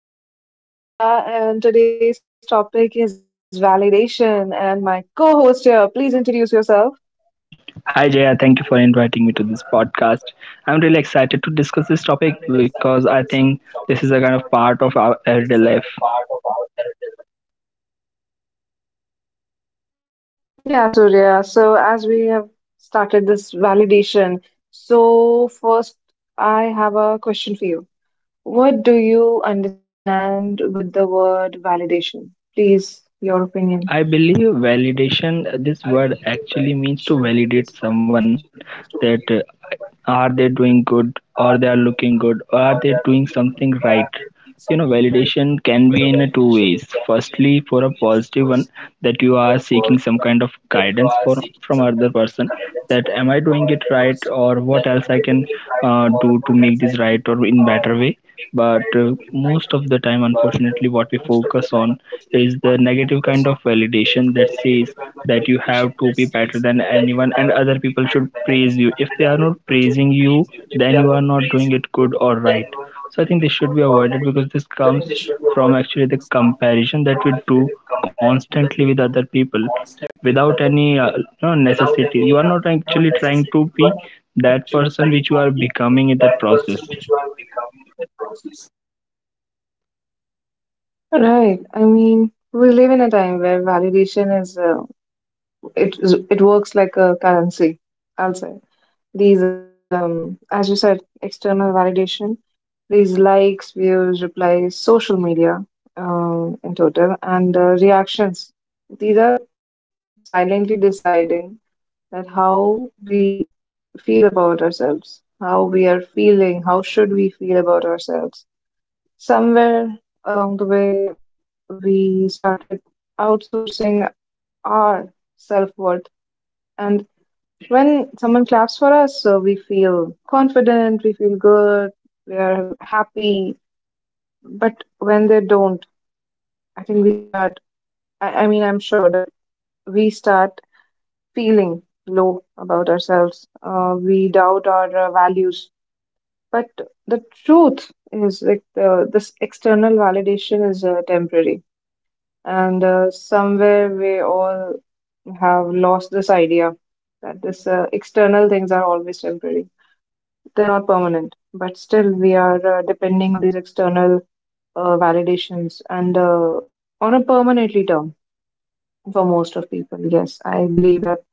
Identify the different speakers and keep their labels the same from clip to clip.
Speaker 1: podcast. This is your host Jaya, and today's topic is validation. And my co-host here, please introduce yourself.
Speaker 2: Hi Jaya, thank you for inviting me to this podcast. I'm really excited to discuss this topic because I think this is a kind of part of our everyday life.
Speaker 1: Yeah, Surya. So as we have started this validation, so first I have a question for you. What do you understand with the word validation? Please, your opinion.
Speaker 2: I believe validation, this word actually means to validate someone that are they doing good or they are looking good or are they doing something right. Validation can be in a two ways. Firstly, for a positive one, that you are seeking some kind of guidance for from other person that am I doing it right or what else I can do to make this right or in better way. But most of the time, unfortunately, what we focus on is the negative kind of validation that says that you have to be better than anyone, and other people should praise you. If they are not praising you, then you are not doing it good or right. So I think this should be avoided, because this comes from actually the comparison that we do constantly with other people, without any no necessity. You are not actually trying to be that person which you are becoming in that process.
Speaker 1: Right. I mean, we live in a time where validation is it works like a currency. I will say. These as you said external validation, these likes, views, replies, social media, in total, and reactions, these are silently deciding that how we feel about ourselves, how we are feeling, how should we feel about ourselves. Somewhere along the way we started outsourcing our self-worth. And when someone claps for us, so we feel confident, we feel good, we are happy. But when they don't, I think we start, I mean, I'm sure that we start feeling low about ourselves. We doubt our values. But the truth is, like, this external validation is temporary. And somewhere we all have lost this idea that this external things are always temporary. They're not permanent, but still we are depending on these external validations and on a permanently term for most of people. Yes, I believe that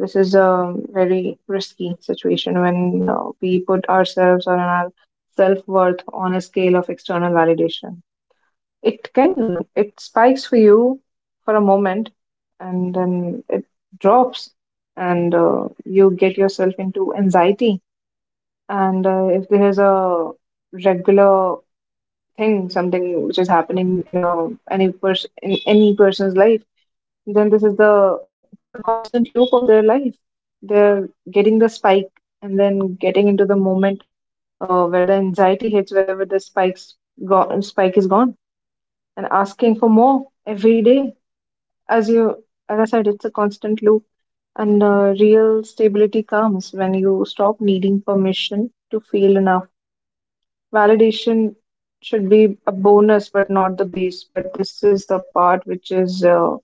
Speaker 1: this is a very risky situation when we put ourselves on our self worth on a scale of external validation. It spikes for you for a moment, and then it drops, and you get yourself into anxiety. And if there is a regular thing, something which is happening in a any person in any person's life, then this is the constant loop of their life. They're getting the spike and then getting into the moment where the anxiety hits, wherever the spike is gone, and asking for more every day. As I said, it's a constant loop. And real stability comes when you stop needing permission to feel enough. Validation should be a bonus, but not the base. But this is the part which is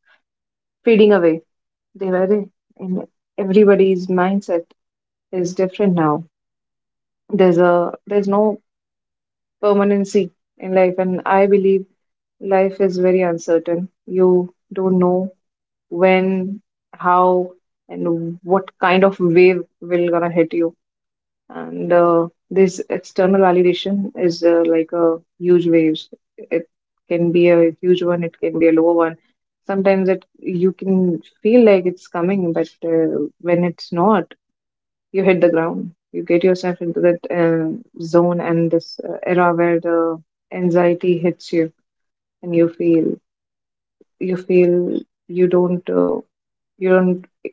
Speaker 1: fading away. Devare, in everybody's mindset is different now. There's no permanency in life, and I believe life is very uncertain. You don't know when, how, and what kind of wave will gonna hit you. And this external validation is like a huge waves. It can be a huge one, it can be a lower one. Sometimes it you can feel like it's coming, but when it's not, you hit the ground, you get yourself into that zone and this era where the anxiety hits you and you feel you don't uh, you don't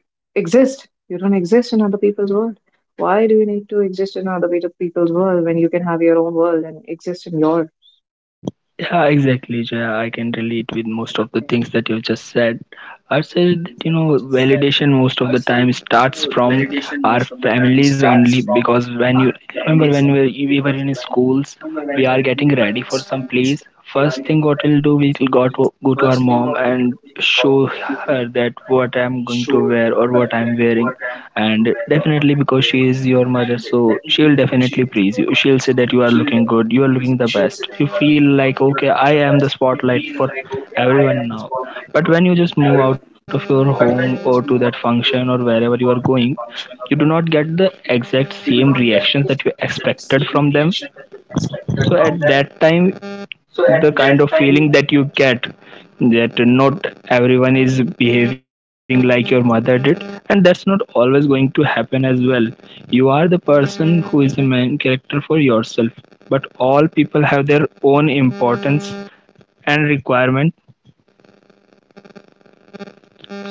Speaker 1: exist. You don't exist in other people's world. Why do you need to exist in other people's world when you can have your own world and exist in your?
Speaker 2: Yeah, exactly, Jaya. I can relate with most of the things that you just said. I said that validation most of the time starts from our families only, because when you remember when we were in schools, we are getting ready for some place. First thing what we'll do, we got to go to our mom and show her that what I'm going to wear or what I'm wearing. And definitely, because she is your mother, so she'll definitely praise you. She'll say that you are looking good, you are looking the best. You feel like, okay, I am the spotlight for everyone now. But when you just move out of your home or to that function or wherever you are going, you do not get the exact same reactions that you expected from them. So at that time, the kind of feeling that you get, that not everyone is behaving like your mother did, and that's not always going to happen as well. You are the person who is the main character for yourself, but all people have their own importance and requirement.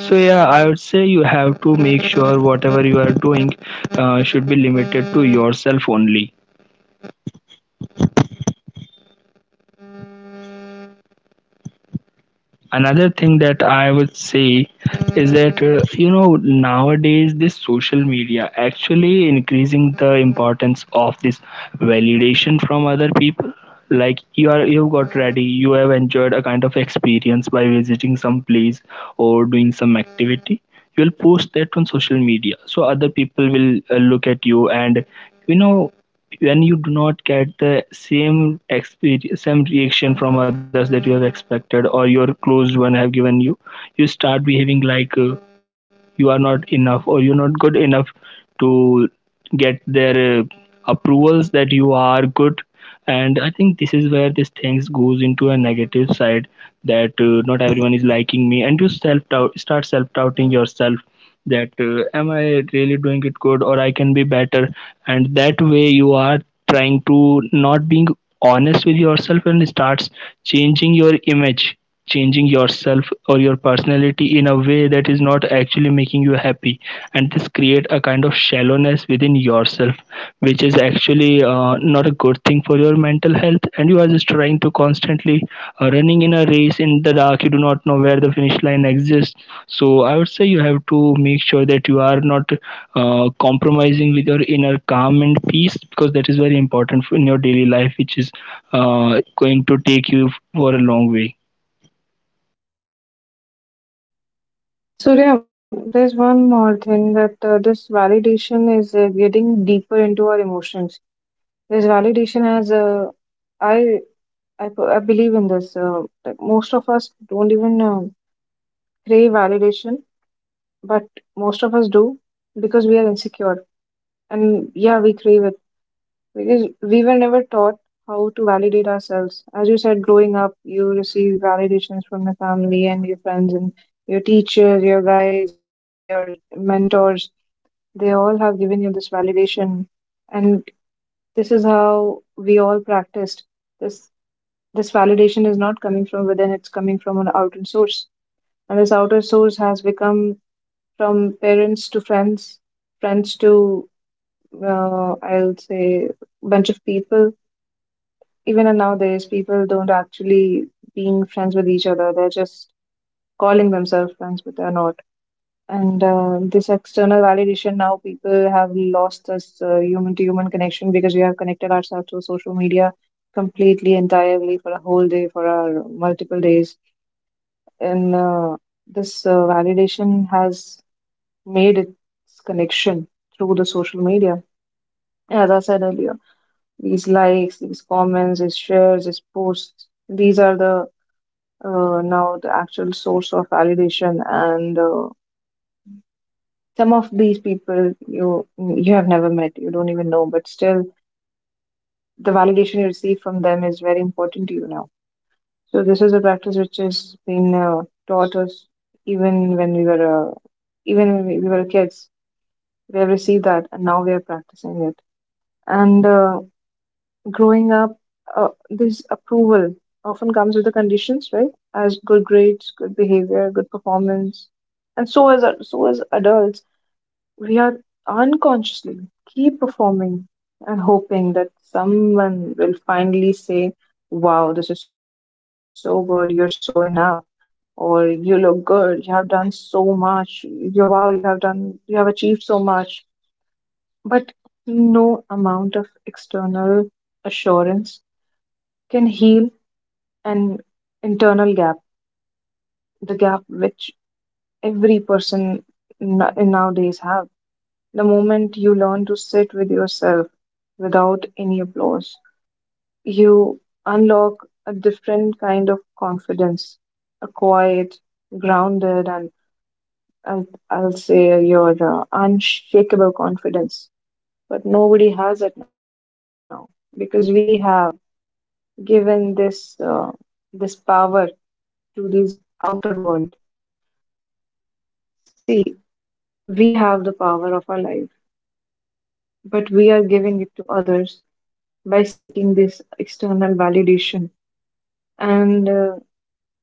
Speaker 2: So yeah, I would say you have to make sure whatever you are doing should be limited to yourself only. Another thing that I would say is that nowadays this social media actually increasing the importance of this validation from other people. Like you've got ready, you have enjoyed a kind of experience by visiting some place or doing some activity. You'll post that on social media, so other people will look at you. And you know when you do not get the same experience, same reaction from others that you have expected or your close one have given you start behaving like you are not enough or you're not good enough to get their approvals that you are good. And I think this is where this things goes into a negative side, that not everyone is liking me, and you self doubt start self doubting yourself that am I really doing it good or I can be better. And that way you are trying to not being honest with yourself, and starts changing your image, changing yourself or your personality in a way that is not actually making you happy. And this create a kind of shallowness within yourself, which is actually not a good thing for your mental health. And you are just trying to constantly running in a race in the dark. You do not know where the finish line exists. So I would say you have to make sure that you are not compromising with your inner calm and peace, because that is very important in your daily life, which is going to take you for a long way.
Speaker 1: So yeah, there's one more thing that this validation is getting deeper into our emotions. This validation as I, I believe in this. Like most of us don't even crave validation, but most of us do because we are insecure. And yeah, we crave it because we were never taught how to validate ourselves. As you said, growing up, you receive validations from your family and your friends and your teachers, your guides, your mentors. They all have given you this validation, and this is how we all practiced. This this validation is not coming from within; it's coming from an outer source, and this outer source has become from parents to friends, friends to I'll say bunch of people. Even in nowadays people don't actually being friends with each other, they're just calling themselves friends but they're not. And this external validation, now people have lost this human to human connection because we have connected ourselves to social media completely, entirely, for a whole day, for our multiple days. And this validation has made its connection through the social media. As I said earlier, these likes, these comments, these shares, these posts, these are the now the actual source of validation. And some of these people you have never met, you don't even know, but still the validation you receive from them is very important to you now. So this is a practice which has been taught us even when we were uh, kids. We have received that and now we are practicing it. And growing up, this approval often comes with the conditions, right? As good grades, good behavior, good performance, and so as adults, we are unconsciously keep performing and hoping that someone will finally say, "Wow, this is so good. You're so enough." Or you look good. You have done so much. You wow. You have done. You have achieved so much. But no amount of external assurance can heal an internal gap, the gap which every person nowadays have. The moment you learn to sit with yourself without any applause, you unlock a different kind of confidence, a quiet, grounded, and I'll say your unshakable confidence. But nobody has it now because we have given this this power to this outer world. See, we have the power of our life, but we are giving it to others by seeking this external validation. And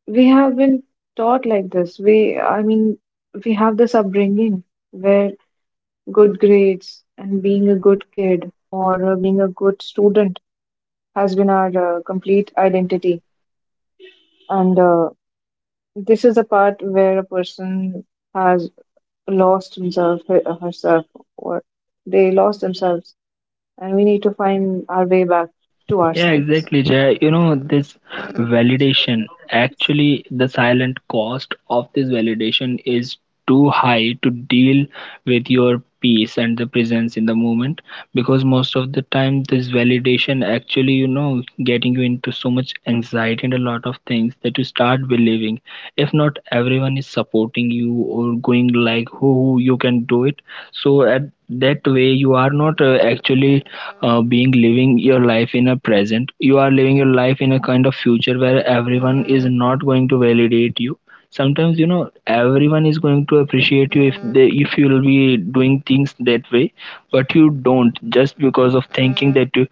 Speaker 1: we have been taught like this. I mean, we have this upbringing where good grades and being a good kid or being a good student has been our complete identity. And this is the part where a person has lost himself, herself, or they lost themselves, and we need to find our way back to
Speaker 2: Yeah,
Speaker 1: ourselves.
Speaker 2: exactly, Jay. This validation, actually, the silent cost of this validation is too high to deal with your peace and the presence in the moment, because most of the time this validation actually getting you into so much anxiety and a lot of things that you start believing. If not everyone is supporting you, or going like who you can do it. So at that way you are not actually being living your life in a present. You are living your life in a kind of future where everyone is not going to validate you. Sometimes everyone is going to appreciate you, if you will be doing things that way. But you don't, just because of thinking that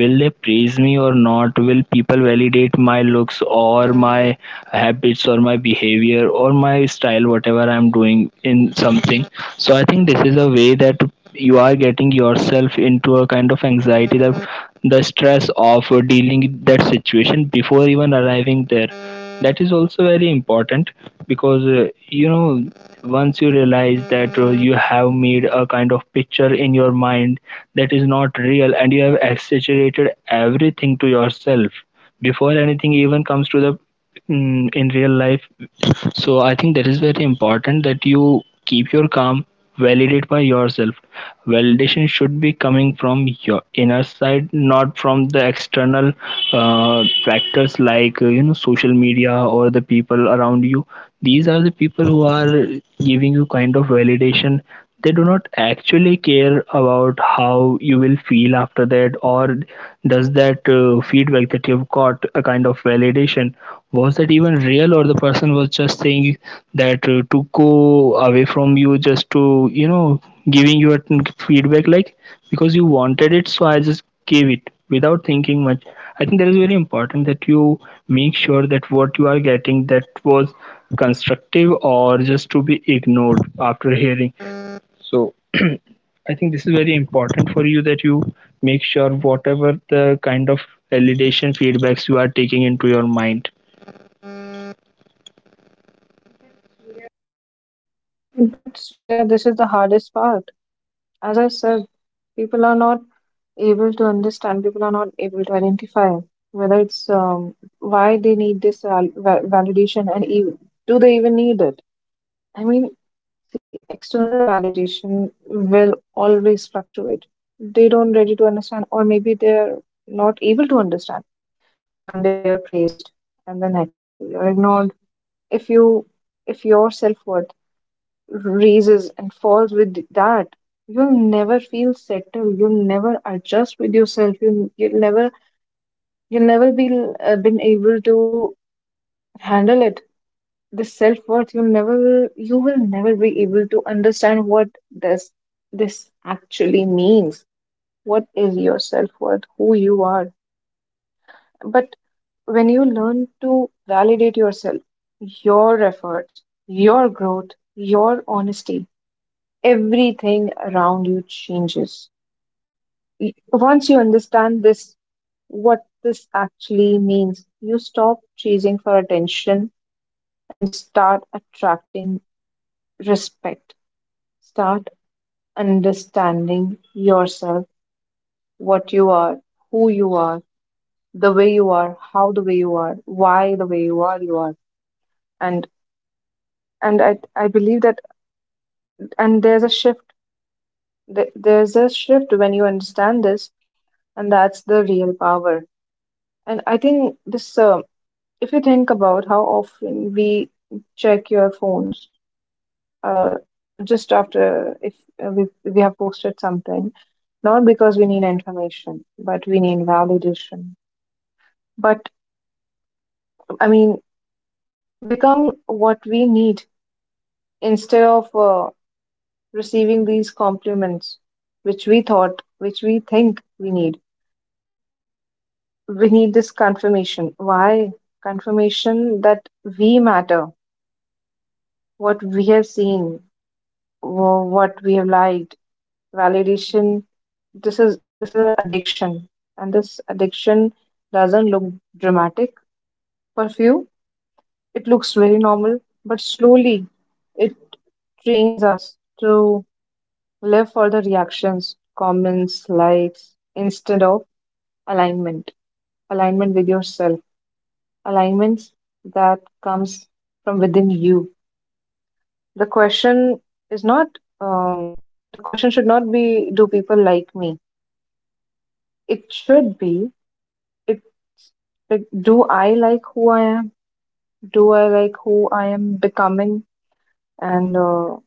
Speaker 2: will they praise me or not, will people validate my looks or my habits or my behavior or my style, whatever I'm doing in something. So I think this is a way that you are getting yourself into a kind of anxiety, that the stress of dealing that situation before even arriving there, that is also very important. Because once you realize that you have made a kind of picture in your mind that is not real and you have exaggerated everything to yourself before anything even comes in real life. So I think that is very important that you keep your calm, validate by yourself. Validation should be coming from your inner side, not from the external factors like social media or the people around you. These are the people who are giving you kind of validation. They do not actually care about how you will feel after that, or does that feedback that you've got, a kind of validation, was that even real? Or the person was just saying that to go away from you, just to giving you a feedback like, because you wanted it, so I just gave it without thinking much. I think that is very important that you make sure that what you are getting, that was constructive or just to be ignored after hearing. I think this is very important for you that you make sure whatever the kind of validation feedbacks you are taking into your mind.
Speaker 1: But Surya, this is the hardest part. As I said, people are not able to understand. People are not able to identify whether it's why they need this validation, and do they even need it? I mean, see, external validation will always fluctuate. They don't ready to understand, or maybe they're not able to understand. One day you're praised, and the next day you're ignored. If you if your self-worth raises and falls with that, you'll never feel settled. You'll never adjust with yourself. You'll never you'll never be been able to handle it. This self-worth, you will never be able to understand what does this actually means. What is your self-worth? Who you are? But when you learn to validate yourself, your efforts, your growth, your honesty, everything around you changes. Once you understand this, what this actually means, you stop chasing for attention and start attracting respect. Start understanding yourself, what you are, who you are, the way you are, how the way you are, why the way you are, you are. And and I believe that, and there's a shift. There's a shift when you understand this, and that's the real power. And I think this, if you think about how often we check your phones, uh, just after if we have posted something, not because we need information, but we need validation. But I mean, become what we need instead of receiving these compliments, which which we think we need. We need this confirmation. Why? Confirmation that we matter, what we have seen, what we have liked. Validation, this is an addiction, and this addiction doesn't look dramatic. For few it looks very normal, but slowly it trains us to live for the reactions, comments, likes instead of alignment, alignment with yourself, alignments that comes from within you. The question is not um, the question should not be, do people like me? It should be. It's like, do I like who I am? Do I like who I am becoming? And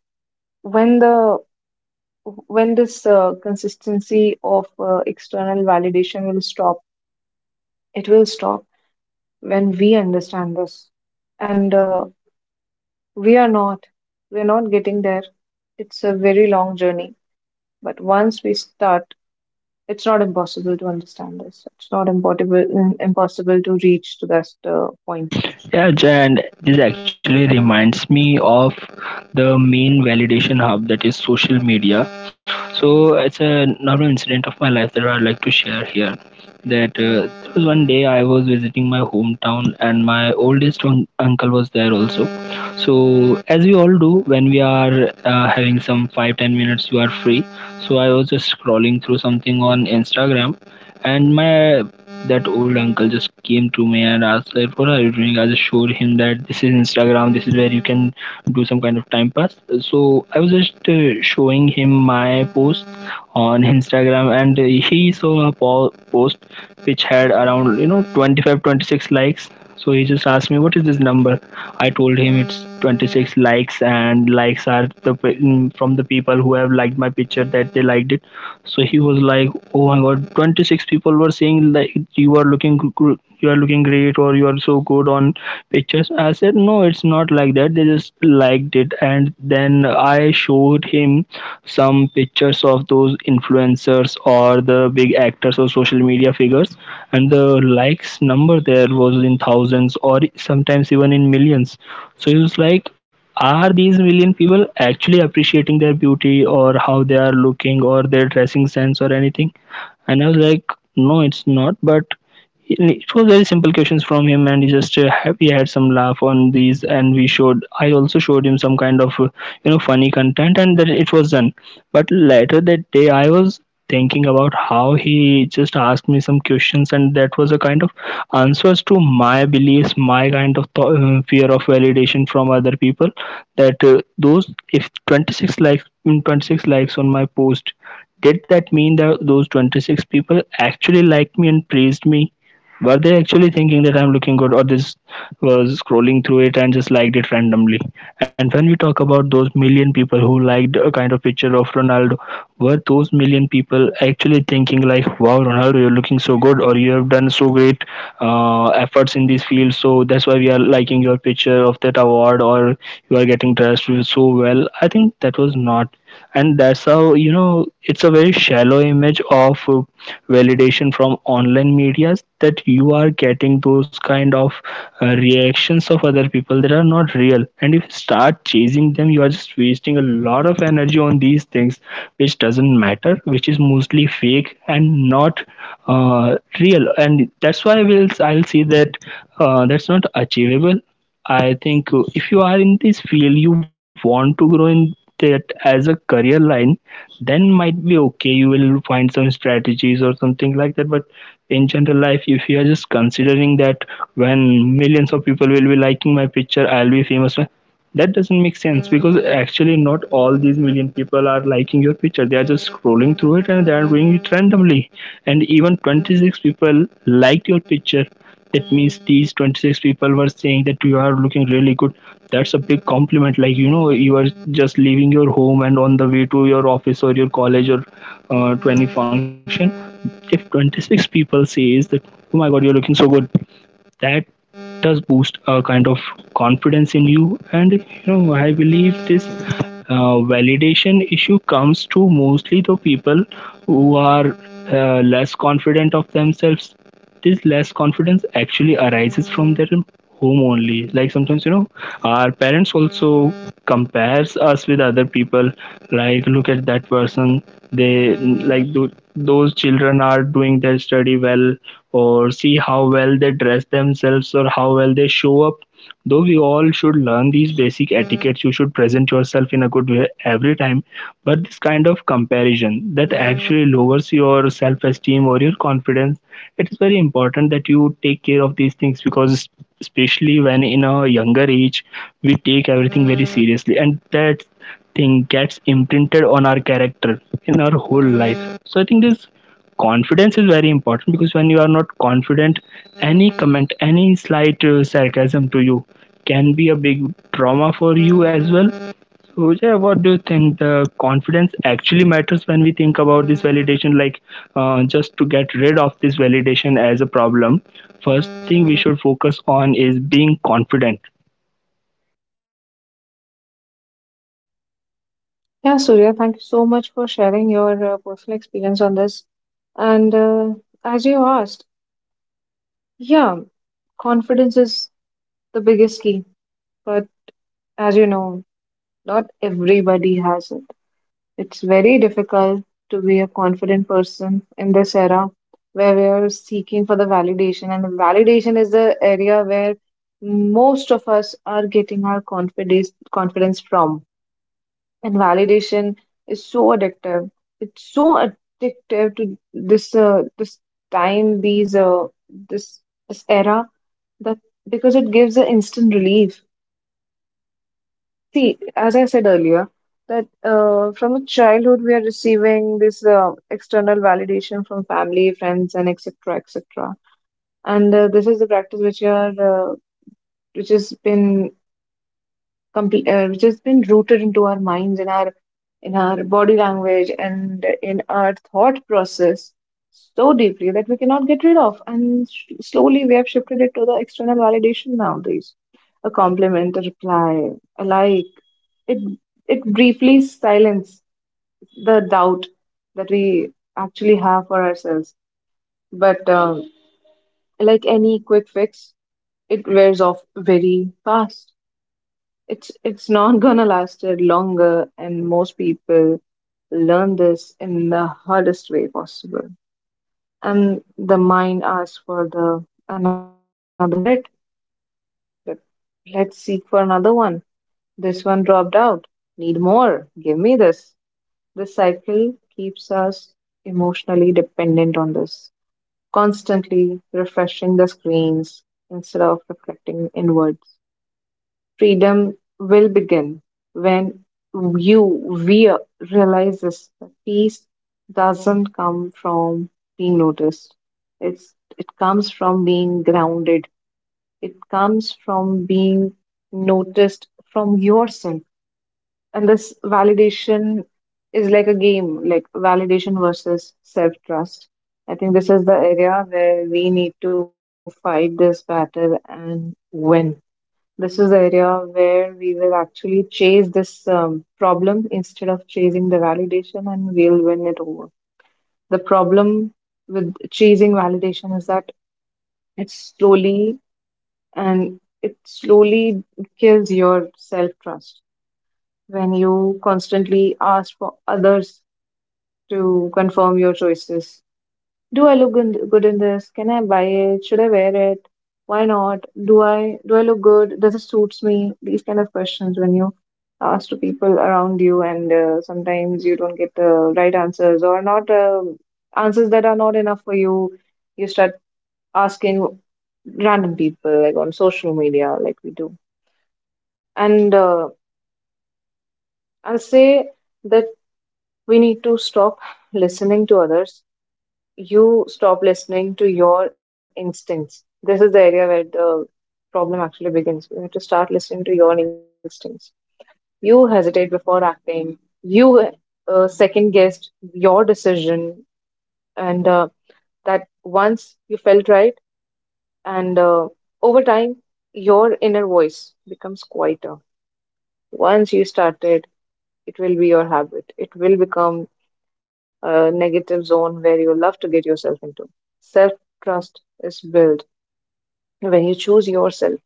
Speaker 1: when the when this consistency of external validation will stop, it will stop when we understand this. And we are not. We are not getting there. It's a very long journey. But once we start, it's not impossible to understand this. It's not impossible to reach to that point.
Speaker 2: Yeah, Jay, and this actually reminds me of the main validation hub, that is social media. So it's a normal incident of my life that I'd like to share here. That there was one day I was visiting my hometown, and my oldest uncle was there also. So as we all do when we are having some 5-10 minutes, you are free. So I was just scrolling through something on Instagram, and my that old uncle just came to me and asked, like, what are you doing. I just showed him that this is Instagram, this is where you can do some kind of time pass. So I was just showing him my post on Instagram. And he saw a post which had around 25 26 likes. So he just asked me what is this number. I told him it's 26 likes, and likes are from the people who have liked my picture, that they liked it. So he was like, oh my God, 26 people were saying, like, you are looking great, or you are so good on pictures. I said, no, it's not like that. They just liked it. And then I showed him some pictures of those influencers or the big actors or social media figures, and the likes number there was in thousands or sometimes even in millions. So he was like, are these million people actually appreciating their beauty or how they are looking or their dressing sense or anything? And I was like, no, it's not. But it was very simple questions from him, and he just we had some laugh on these, and we showed. I also showed him some kind of funny content, and then it was done. But later that day, I was thinking about how he just asked me some questions, and that was a kind of answers to my beliefs, my kind of fear of validation from other people. That those, if 26 likes, 26 likes on my post, did that mean that those 26 people actually liked me and praised me? Were they actually thinking that I'm looking good, or this was scrolling through it and just liked it randomly? And when we talk about those million people who liked a kind of picture of Ronaldo, were those million people actually thinking like, "Wow, Ronaldo, you're looking so good, or you have done so great efforts in this field, so that's why we are liking your picture of that award, or you are getting dressed so well"? I think that was not, and that's how, you know, it's a very shallow image of validation from online medias, that you are getting those kind of reactions of other people that are not real, and if you start chasing them you are just wasting a lot of energy on these things which doesn't matter, which is mostly fake and not real, and that's why we'll I'll see that that's not achievable. I think if you are in this field, you want to grow in that as a career line, then might be okay. You will find some strategies or something like that. But in general life, if you are just considering that when millions of people will be liking my picture, I'll be famous. That doesn't make sense, because actually not all these million people are liking your picture. They are just scrolling through it and they are doing it randomly. And even 26 people liked your picture. That means these 26 people were saying that you are looking really good. That's a big compliment. Like, you know, you are just leaving your home and on the way to your office or your college or to any function. If 26 people says that, oh my god, you're looking so good, that does boost a kind of confidence in you. And you know, I believe this validation issue comes to mostly the people who are less confident of themselves. This less confidence actually arises from their home only. Like, sometimes, you know, our parents also compares us with other people, like, look at that person, they, like, those children are doing their study well, or see how well they dress themselves or how well they show up. Though we all should learn these basic etiquettes, you should present yourself in a good way every time. But this kind of comparison that actually lowers your self esteem or your confidence, it is very important that you take care of these things because, especially when in a younger age, we take everything very seriously, and that thing gets imprinted on our character in our whole life. So, I think this confidence is very important because when you are not confident, any comment, any slight sarcasm to you can be a big trauma for you as well. So yeah, what do you think? The confidence actually matters when we think about this validation. Like, just to get rid of this validation as a problem, first thing we should focus on is being confident.
Speaker 1: Yeah, Surya, thank you so much for sharing your personal experience on this. And as you asked, yeah, confidence is the biggest key. But as you know, not everybody has it. It's very difficult to be a confident person in this era where we are seeking for the validation. And the validation is the area where most of us are getting our confidence from. And validation is so addictive. It's so addictive to this time, these this this era, that because it gives an instant relief. See, as I said earlier, that from a childhood, we are receiving this external validation from family, friends, and etc, etc. And this is the practice which are which has been which has been rooted into our minds, in our body language, and in our thought process so deeply that we cannot get rid of. And slowly, we have shifted it to the external validation nowadays. A compliment, a reply, a like. It it briefly silences the doubt that we actually have for ourselves. But like any quick fix, it wears off very fast. It's not gonna last it longer, and most people learn this in the hardest way possible. And the mind asks for the another hit, but let's seek for another one. This one dropped out. Need more. Give me this. The cycle keeps us emotionally dependent on this, constantly refreshing the screens instead of reflecting inwards. Freedom will begin when you we realizes that peace doesn't come from being noticed. It comes from being grounded. It comes from being noticed from yourself. And this validation is like a game, like validation versus self trust. I think this is the area where we need to fight this battle and win. This is the area where we will actually chase this problem instead of chasing the validation, and we'll win it over. The problem with chasing validation is that it's slowly it slowly kills your self trust. When you constantly ask for others to confirm your choices. Do I look good in this? Can I buy it? Should I wear it? Why not? Do I look good? Does it suits me? These kind of questions, when you ask to people around you, and sometimes you don't get the right answers, or not answers that are not enough for you. You start asking random people like on social media, like we do. And I'll say that we need to stop listening to others. You stop listening to your instincts. This is the area where the problem actually begins. You have to start listening to your instincts. You hesitate before acting. You second guessed your decision, and that once you felt right, and over time, your inner voice becomes quieter. Once you started, it will be your habit. It will become a negative zone where you love to get yourself into. Self trust is built when you choose yourself,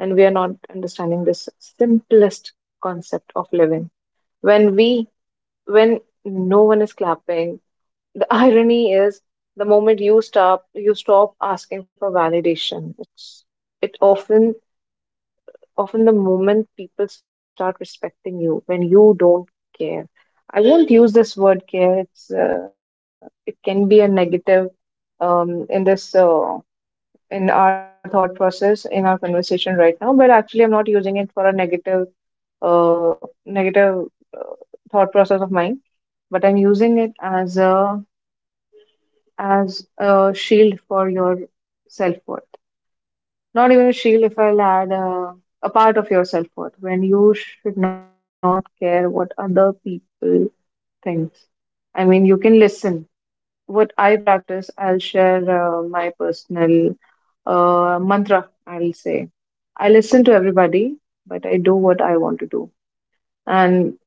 Speaker 1: and we are not understanding this simplest concept of living when we when no one is clapping. The irony is the moment you stop asking for validation, it's it often often the moment people start respecting you, when you don't care. I won't use this word care. It's it can be a negative, in this in our thought process, in our conversation right now, but actually I'm not using it for a negative uh, thought process of mine, but I'm using it as a shield for your self-worth. Not even a shield, if I'll add a part of your self-worth, when you should not care what other people thinks. I mean, you can listen. What I practice, I'll share. My personal mantra, I'll say. I listen to everybody, but I do what I want to do. And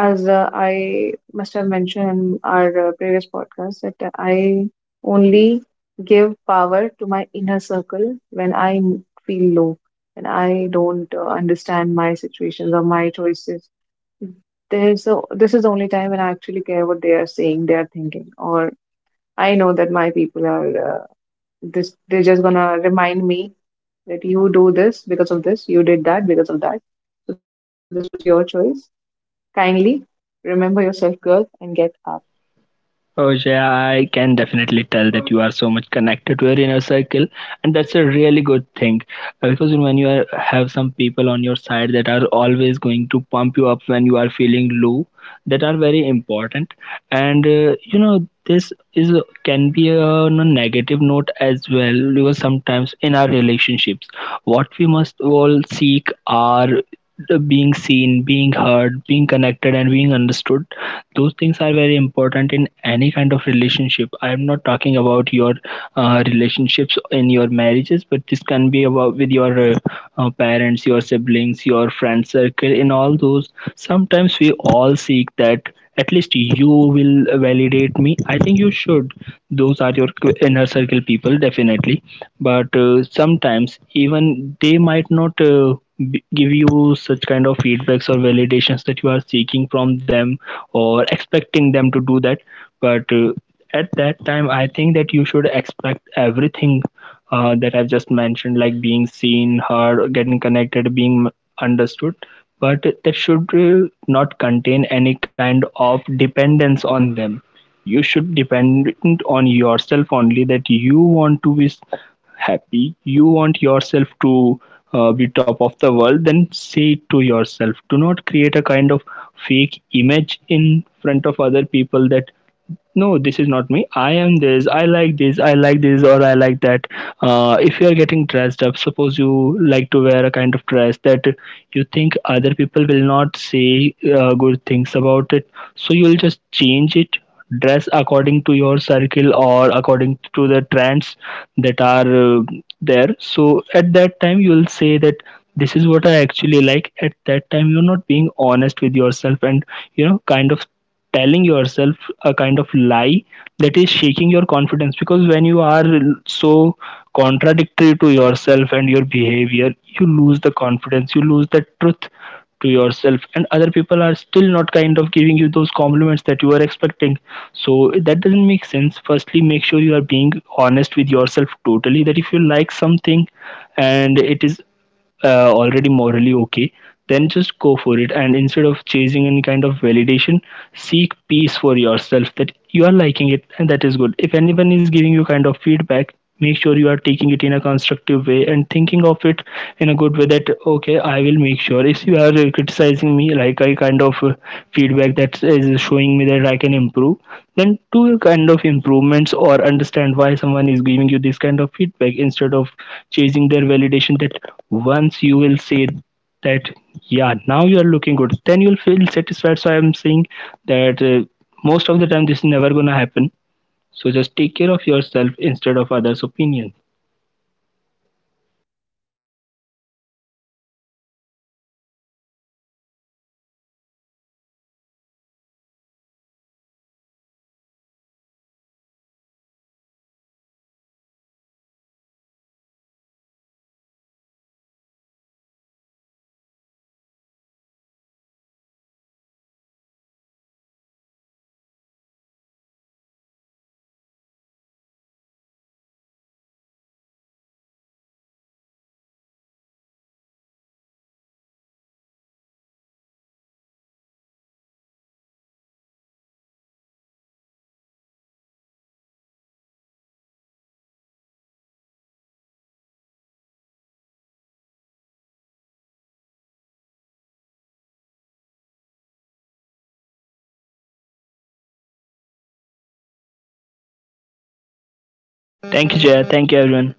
Speaker 1: as I must have mentioned in our previous podcast, that I only give power to my inner circle when I feel low, when I don't understand my situations or my choices. There's a, this is the only time when I actually care what they are saying, they are thinking, or I know that my people are this. They're just gonna remind me that you do this because of this. You did that because of that. So this was your choice. Kindly remember yourself, girl, and get up.
Speaker 2: Oh yeah, I can definitely tell that you are so much connected to your inner circle, and that's a really good thing. Because when you are, have some people on your side that are always going to pump you up when you are feeling low, that are very important. And you know, this is, can be on a negative note as well, because sometimes in our relationships, what we must all seek are the being seen, being heard, being connected, and being understood. Those things are very important in any kind of relationship. I am not talking about your relationships in your marriages, but this can be about with your parents, your siblings, your friend circle. In all those, sometimes we all seek that at least you will validate me. I think you should. Those are your inner circle people, definitely. But sometimes even they might not give you such kind of feedbacks or validations that you are seeking from them, or expecting them to do that. But at that time I think that you should expect everything that I've just mentioned, like being seen, heard, getting connected, being understood, but that should not contain any kind of dependence on them. You should depend on yourself only. That you want to be happy, you want yourself to be top of the world, then say it to yourself. Do not create a kind of fake image in front of other people that, no, this is not me, I am this, I like this, I like this or I like that. If you are getting dressed up, suppose you like to wear a kind of dress that you think other people will not say good things about it, so you'll just change it, dress according to your circle or according to the trends that are there. So at that time you'll say that this is what I actually like. At that time you're not being honest with yourself, and you know, kind of telling yourself a kind of lie that is shaking your confidence. Because when you are so contradictory to yourself and your behavior, you lose the confidence, you lose the truth to yourself, and other people are still not kind of giving you those compliments that you are expecting. So that doesn't make sense. Firstly make sure you are being honest with yourself totally. That if you like something and it is already morally okay, then just go for it. And instead of chasing any kind of validation, seek peace for yourself that you are liking it and that is good. If anyone is giving you kind of feedback, make sure you are taking it in a constructive way and thinking of it in a good way, that okay, I will make sure, if you are criticizing me like, I kind of feedback that is showing me that I can improve, then do kind of improvements or understand why someone is giving you this kind of feedback instead of chasing their validation. That once you will say that yeah, now you are looking good, then you'll feel satisfied. So I'm saying that most of the time this is never gonna happen. So just take care of yourself instead of others opinion.
Speaker 1: Thank you so much, Surya, for this topic, for the for your opinion on this topic. I mean, I can very relate to this. And It was nice having this. Validation topic in our conversation. And I think towards this end of this podcast, I'll say that we all have to ask ourselves a simple question, which is very uncomfortable, and which and the question is, who am I? And no one is watching. When no one is watching, and guys, please. Uh, Listen to yourself, know yourself worth, try to find it. It's not easy to find, but I just say that please try to find it. And thank you for listening to us. Thank you, Surya, for being my co-host on this. We'll see you on the next podcast. Thank you,
Speaker 2: Thank you
Speaker 1: guys.
Speaker 2: Jaya,
Speaker 1: Bye
Speaker 2: thank you
Speaker 1: bye.
Speaker 2: everyone.